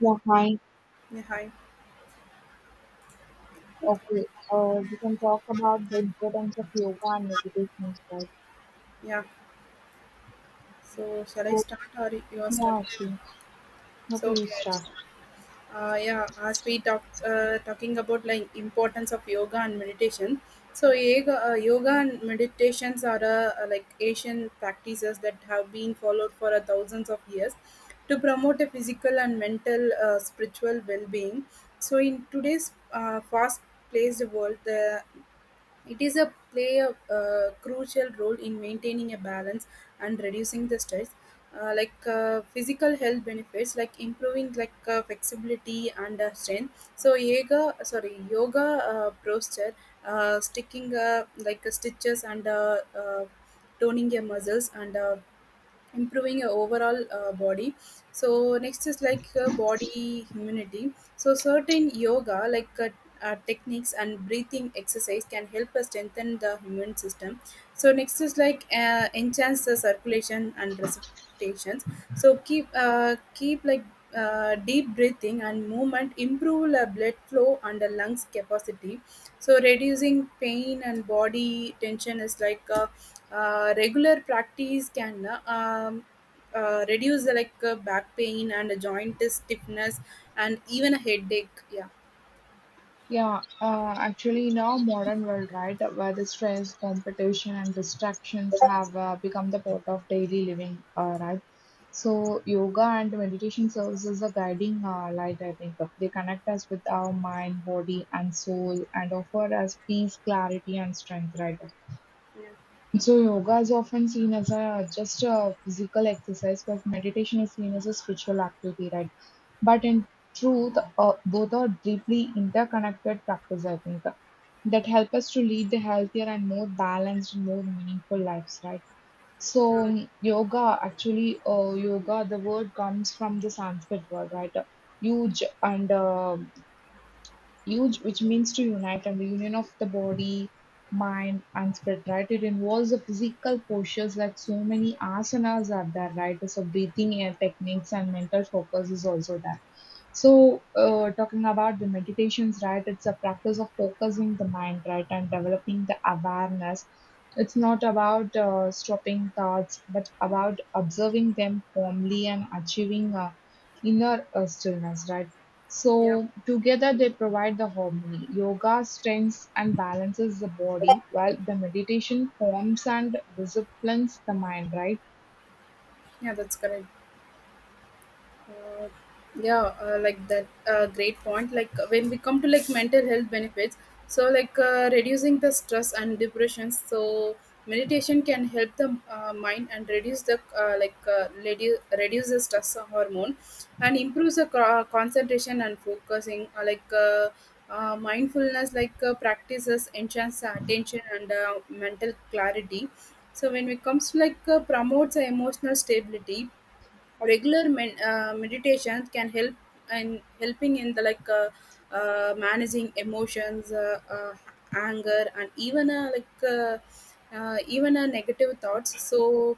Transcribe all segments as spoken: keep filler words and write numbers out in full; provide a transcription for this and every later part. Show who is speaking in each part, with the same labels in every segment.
Speaker 1: Yeah, hi.
Speaker 2: Yeah, hi.
Speaker 1: Okay, uh, we can talk about the importance of yoga and meditation, right?
Speaker 2: Yeah. So shall I
Speaker 1: So,
Speaker 2: start or you are
Speaker 1: Yeah,
Speaker 2: starting?
Speaker 1: okay.
Speaker 2: So,
Speaker 1: Okay, you
Speaker 2: okay.
Speaker 1: start.
Speaker 2: Uh, yeah, as we talk uh, talking about like importance of yoga and meditation. So yoga, uh, yoga and meditations are uh, uh, like Asian practices that have been followed for uh, thousands of years to promote a physical and mental uh, spiritual well-being. So in today's uh, fast-paced world, the it is a play a uh, crucial role in maintaining a balance and reducing the stress. Uh, like uh, physical health benefits, like improving like uh, flexibility and uh, strength. So yoga, sorry, yoga uh, posture, uh, sticking uh, like uh, stitches and uh, uh, toning your muscles and uh, improving your overall uh, body. So next is like uh, body immunity. So certain yoga like uh, uh, techniques and breathing exercise can help us strengthen the immune system. So next is like uh, enhance the circulation and respirations. So keep uh, keep like uh, deep breathing and movement improve the blood flow and the lungs capacity. So reducing pain and body tension is like uh, uh, regular practice can uh, um, uh, reduce the like uh, back pain and a joint stiffness and even a headache. Yeah,
Speaker 1: Yeah, uh, actually, in our modern world, right, where the stress, competition, and distractions have uh, become the part of daily living, uh, right? So, yoga and meditation serves as a guiding uh, light, I think. They connect us with our mind, body, and soul, and offer us peace, clarity, and strength, right?
Speaker 2: yeah,
Speaker 1: So yoga is often seen as a just a physical exercise, but meditation is seen as a spiritual activity, right? But in truth, uh, both are deeply interconnected practice, I think, that help us to lead the healthier and more balanced, more meaningful lives, right? So
Speaker 2: uh,
Speaker 1: um, yoga, actually, uh, yoga, the word comes from the Sanskrit word, right? Huge and uh, Huge, which means to unite, and the union of the body, mind, and spirit, right? It involves the physical postures, like so many asanas are there, right? So breathing air techniques and mental focus is also there. So, uh, talking about the meditations, right? It's a practice of focusing the mind, right, and developing the awareness. It's not about uh, stopping thoughts, but about observing them calmly and achieving uh, inner uh, stillness, right?
Speaker 2: yeah,
Speaker 1: So together they provide the harmony. Yoga strengthens and balances the body, while the meditation forms and disciplines the mind, right?
Speaker 2: yeah. That's correct. Uh, yeah, uh, like that. Uh, great point. Like uh, when we come to like mental health benefits, so like uh, reducing the stress and depression. So meditation can help the uh, mind and reduce the uh, like uh, reduce reduce the stress hormone and improves the co- concentration and focusing. Uh, like uh, uh, mindfulness, like uh, practices enhance the attention and uh, mental clarity. So when it comes to like uh, promotes the emotional stability, regular men, uh, meditations can help in helping in the like uh, uh, managing emotions uh, uh, anger and even uh, like uh, uh, even uh, negative thoughts. So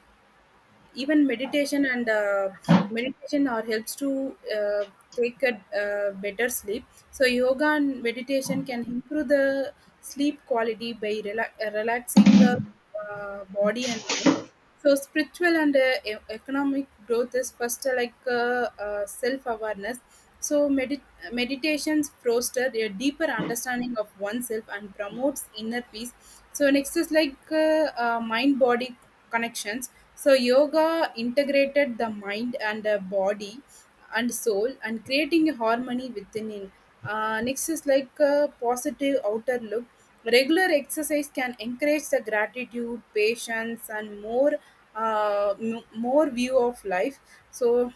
Speaker 2: even meditation and uh, meditation or helps to uh, take a uh, better sleep. So yoga and meditation can improve the sleep quality by rela- uh, relaxing uh, uh, body and mind. So spiritual and uh, e- economic growth is first uh, like uh, uh, self awareness. So meditation meditations foster a deeper understanding of oneself and promotes inner peace. So next is like uh, uh, mind body connections. So yoga integrated the mind and uh, body and soul and creating a harmony within it. Uh, next is like uh, positive outer look. Regular exercise can encourage the gratitude patience and more uh, m- more view of life. So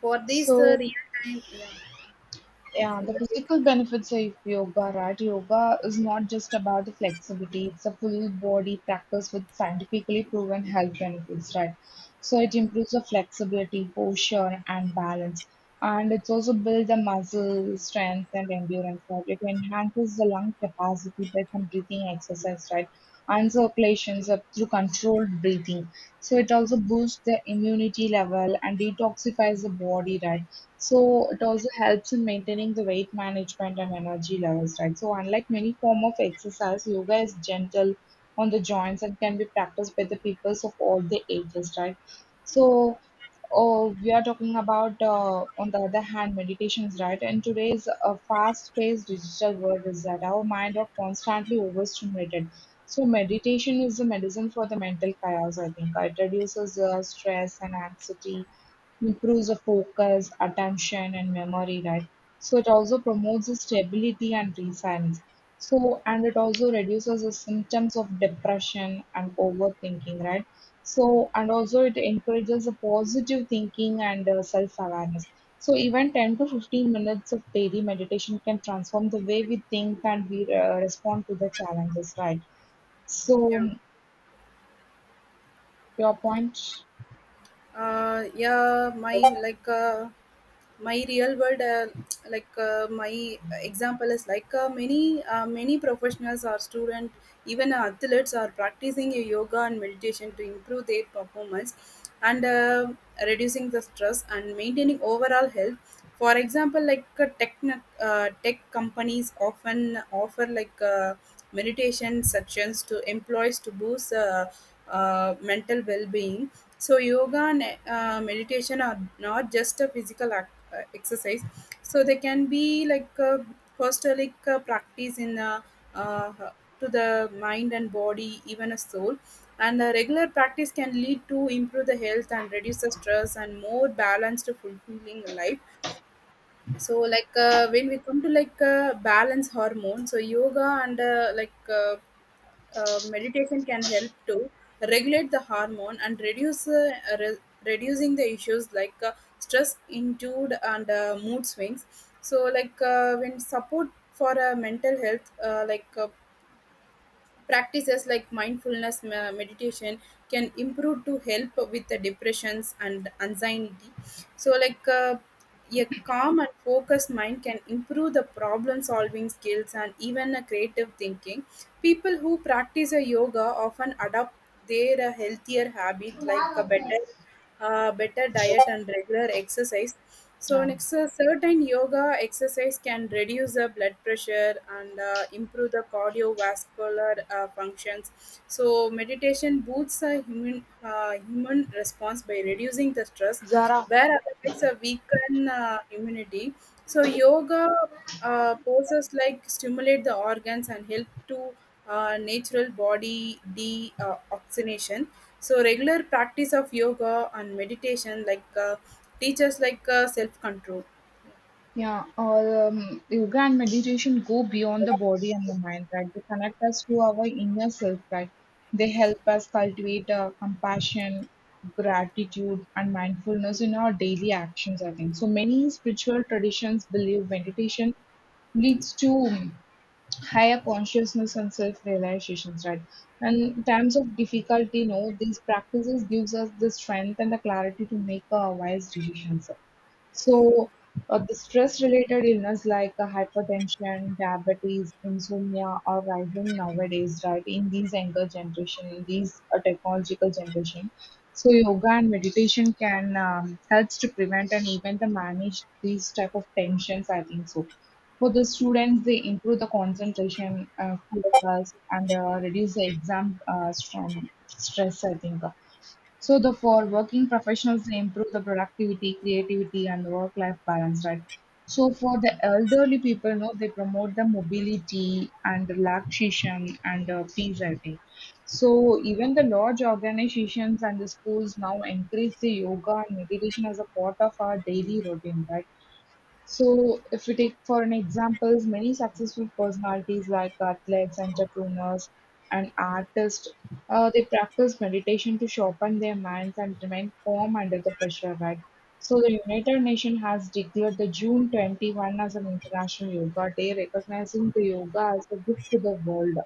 Speaker 2: for this
Speaker 1: So
Speaker 2: uh, real time, yeah.
Speaker 1: Yeah, the
Speaker 2: So
Speaker 1: physical benefits of yoga, right? Yoga is not just about the flexibility, it's a full body practice with scientifically proven health benefits, right? So it improves the flexibility, posture, and balance. And it's also build the muscle strength and endurance, right? It enhances the lung capacity by some breathing exercise, right? And circulations up through controlled breathing. So it also boosts the immunity level and detoxifies the body, right? So it also helps in maintaining the weight management and energy levels, right? So unlike many form of exercise, yoga is gentle on the joints and can be practiced by the peoples of all the ages, right? So oh, we are talking about, uh, on the other hand, meditations, right? In today's uh, fast-paced digital world, is that our mind are constantly overstimulated. So meditation is the medicine for the mental chaos, I think. It reduces uh, stress and anxiety, improves the focus, attention, and memory, right? So it also promotes the stability and resilience. So, and it also reduces the symptoms of depression and overthinking, right? So, and also it encourages the positive thinking and uh, self-awareness. So even ten to fifteen minutes of daily meditation can transform the way we think and we uh, respond to the challenges, right? So
Speaker 2: yeah.
Speaker 1: your point,
Speaker 2: Uh yeah, my like uh my real world, uh, like uh, my example is like uh, many uh, many professionals or student, even athletes are practicing yoga and meditation to improve their performance and uh, reducing the stress and maintaining overall health. For example, like uh, tech uh, tech companies often offer like uh, meditation sessions to employees to boost uh, uh, mental well-being. So yoga and uh, meditation are not just a physical act, uh, exercise. So they can be like a hostelic uh, practice in uh, uh, to the mind and body, even a soul. And a regular practice can lead to improve the health and reduce the stress and more balanced, fulfilling life. So like uh, when we come to like uh, balance hormone. So yoga and uh, like uh, uh, meditation can help to regulate the hormone and reduce uh, re- reducing the issues like uh, stress induced and uh, mood swings. So like uh, when support for uh, mental health uh, like uh, practices like mindfulness me- meditation can improve to help with the depressions and anxiety. So, like uh, a calm and focused mind can improve the problem solving skills and even a creative thinking. People who practice a yoga often adopt their uh, healthier habit, like a better uh, better diet and regular exercise. So
Speaker 1: yeah,
Speaker 2: next, uh, certain yoga exercise can reduce the blood pressure and uh, improve the cardiovascular uh, functions. So meditation boosts the human uh, human response by reducing the stress,
Speaker 1: Zara,
Speaker 2: where otherwise a weaken uh, immunity. So yoga uh, poses like stimulate the organs and help to uh, natural body deoxygenation. So regular practice of yoga and meditation like uh, teaches like uh, self control.
Speaker 1: yeah, or um, yoga and meditation go beyond the body and the mind, right? They connect us to our inner self, right? They help us cultivate uh, compassion, gratitude, and mindfulness in our daily actions. I think so. Many spiritual traditions believe meditation leads to um, higher consciousness and self-realizations, right? And in times of difficulty, you know, these practices gives us the strength and the clarity to make uh, wise decisions. So, uh, the stress-related illness like uh, hypertension, diabetes, insomnia are rising nowadays, right? In these younger generation, in these uh, technological generation, so yoga and meditation can um, helps to prevent and even to manage these type of tensions. I think so. For the students, they improve the concentration, uh, focus, and uh, reduce the exam uh, strum- stress. I think. So the for working professionals they improve the productivity, creativity, and the work-life balance, right? So for the elderly people, no, they promote the mobility and relaxation and uh, peace, I think. So even the large organizations and the schools now encourage the yoga and meditation as a part of our daily routine, right? So, if we take for an examples, many successful personalities like athletes, entrepreneurs, and artists, uh, they practice meditation to sharpen their minds and remain calm under the pressure, right? So, the United Nations has declared the June twenty-first as an International Yoga Day, recognizing the yoga as a gift to the world.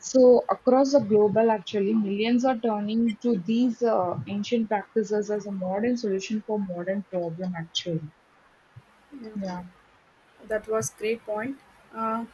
Speaker 1: So, across the global, actually, millions are turning to these uh, ancient practices as a modern solution for modern problem, actually.
Speaker 2: Yeah,
Speaker 1: Yeah.
Speaker 2: that was great point. Uh,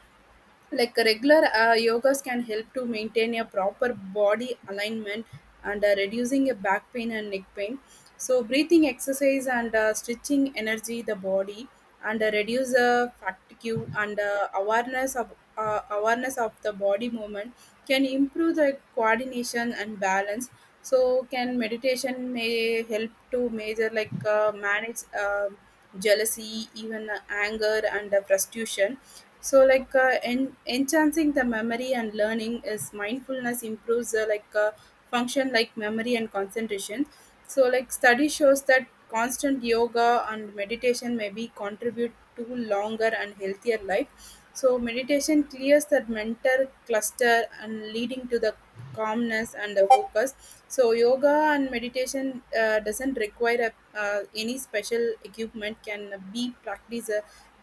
Speaker 2: like regular uh, yogas can help to maintain a proper body alignment and uh, reducing a back pain and neck pain. So breathing exercise and uh, stretching energy the body and uh, reduce uh, fatigue, and uh, awareness of uh, awareness of the body movement can improve the coordination and balance. So can meditation may help to measure, like uh, manage uh, jealousy, even uh, anger and uh, frustration. So like uh, en- enhancing the memory and learning is mindfulness improves uh, like uh, function like memory and concentration. So like study shows that constant yoga and meditation may be contribute to longer and healthier life. So meditation clears the mental cluster and leading to the calmness and the focus. So yoga and meditation uh, doesn't require a, uh, any special equipment, can be practiced uh,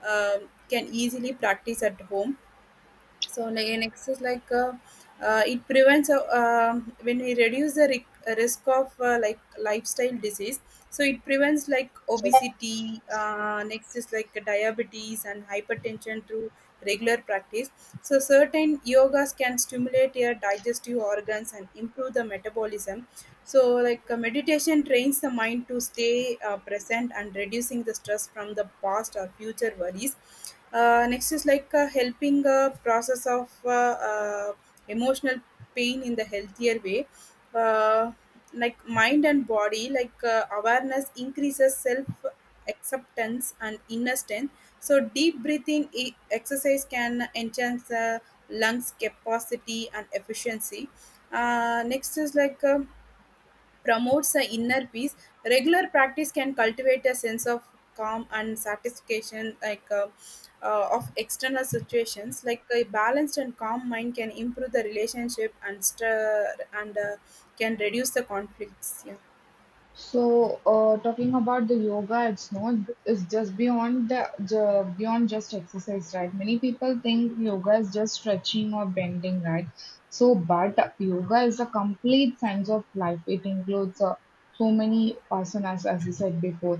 Speaker 2: um, can easily practice at home. So ne- next is like uh, uh, it prevents uh, um, when we reduce the ric- uh, risk of uh, like lifestyle disease. So it prevents like obesity. Uh, next is like diabetes and hypertension through regular practice. So certain yogas can stimulate your digestive organs and improve the metabolism. So like uh, meditation trains the mind to stay uh, present and reducing the stress from the past or future worries. Uh, next is like uh, helping uh, process of uh, uh, emotional pain in the healthier way. uh, like mind and body, like uh, awareness increases self acceptance and inner strength. So deep breathing e- exercise can enhance the lungs capacity and efficiency. Uh, next is like um promotes the inner peace. Regular practice can cultivate a sense of calm and satisfaction, like uh, uh, of external situations. Like a balanced and calm mind can improve the relationship and stir, and uh, can reduce the conflicts. Yeah,
Speaker 1: So, uh, talking about the yoga, it's not it's just beyond the, the beyond just exercise, right? Many people think yoga is just stretching or bending, right? So, but yoga is a complete science of life. It includes uh, so many asanas, as I said before.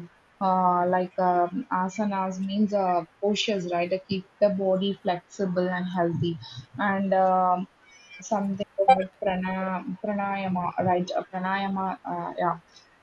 Speaker 1: Uh, like um, asanas means uh, postures, right? To keep the body flexible and healthy, and um, something about prana, pranayama, right? Uh, pranayama, uh, yeah,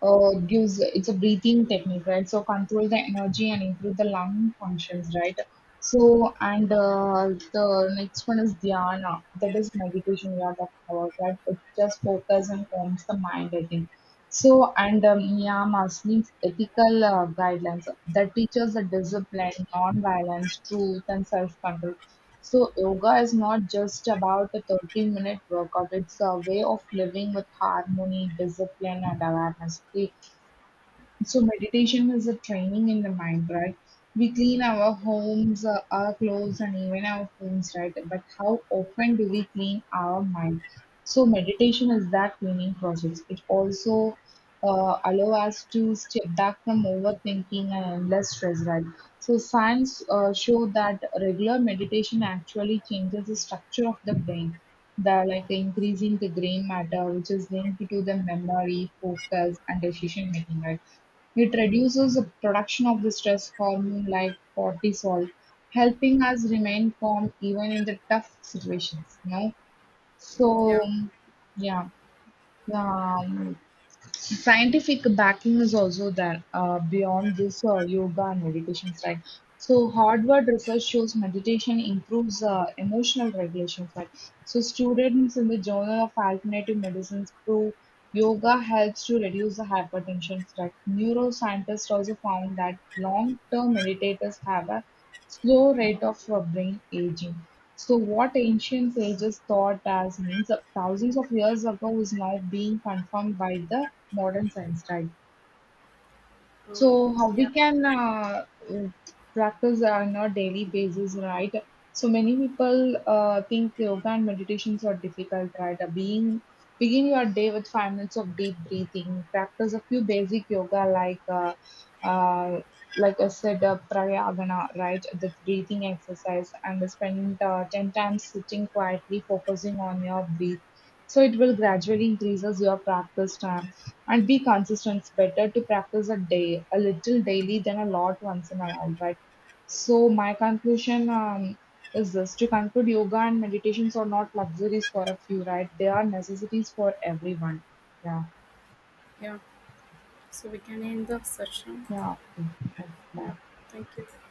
Speaker 1: uh, gives it's a breathing technique, right? So control the energy and improve the lung functions, right? So and uh, the next one is dhyana, that is meditation we are talking about, right? It just focus and calms the mind, I think. So and um, niyamas means ethical uh, guidelines that teaches the discipline, non-violence, truth, and self-control. So yoga is not just about a thirty minute workout. It's a way of living with harmony, discipline, and awareness. The so meditation is a training in the mind, right? We clean our homes, uh, our clothes, and even our homes, right? But how often do we clean our mind? So meditation is that cleaning process. It also uh, allow us to step back from overthinking and endless stress, right? So science uh, show that regular meditation actually changes the structure of the brain. The like increasing the gray matter, which is linked to the memory, focus, and decision making, right? It reduces the production of the stress hormone like cortisol, helping us remain calm even in the tough situations. You know? So,
Speaker 2: yeah,
Speaker 1: yeah. Um, scientific backing is also there uh, beyond this uh, yoga and meditation side. So Harvard research shows meditation improves uh, emotional regulation side. So students in the Journal of Alternative Medicines prove yoga helps to reduce the hypertension threat. Neuroscientists also found that long-term meditators have a slow rate of uh, brain aging. So what ancient sages thought as means of thousands of years ago is now being confirmed by the modern science, right?
Speaker 2: uh,
Speaker 1: So how
Speaker 2: yeah,
Speaker 1: we can uh, mm, practice on a daily basis, right? So many people uh, think yoga and meditations are difficult, right? Uh, Being begin your day with five minutes of deep breathing. Practice a few basic yoga like uh, uh, like I said, uh, pranayama, right? The breathing exercise, and spend uh, ten times sitting quietly, focusing on your breath. So it will gradually increases your practice time and be consistent. It's better to practice a day, a little daily than a lot once in a while, right? So my conclusion um, is this: to conclude, yoga and meditations are not luxuries for a few, right? They are necessities for everyone. Yeah,
Speaker 2: yeah. So we can end the session.
Speaker 1: yeah. Okay. Bye.
Speaker 2: Thank you.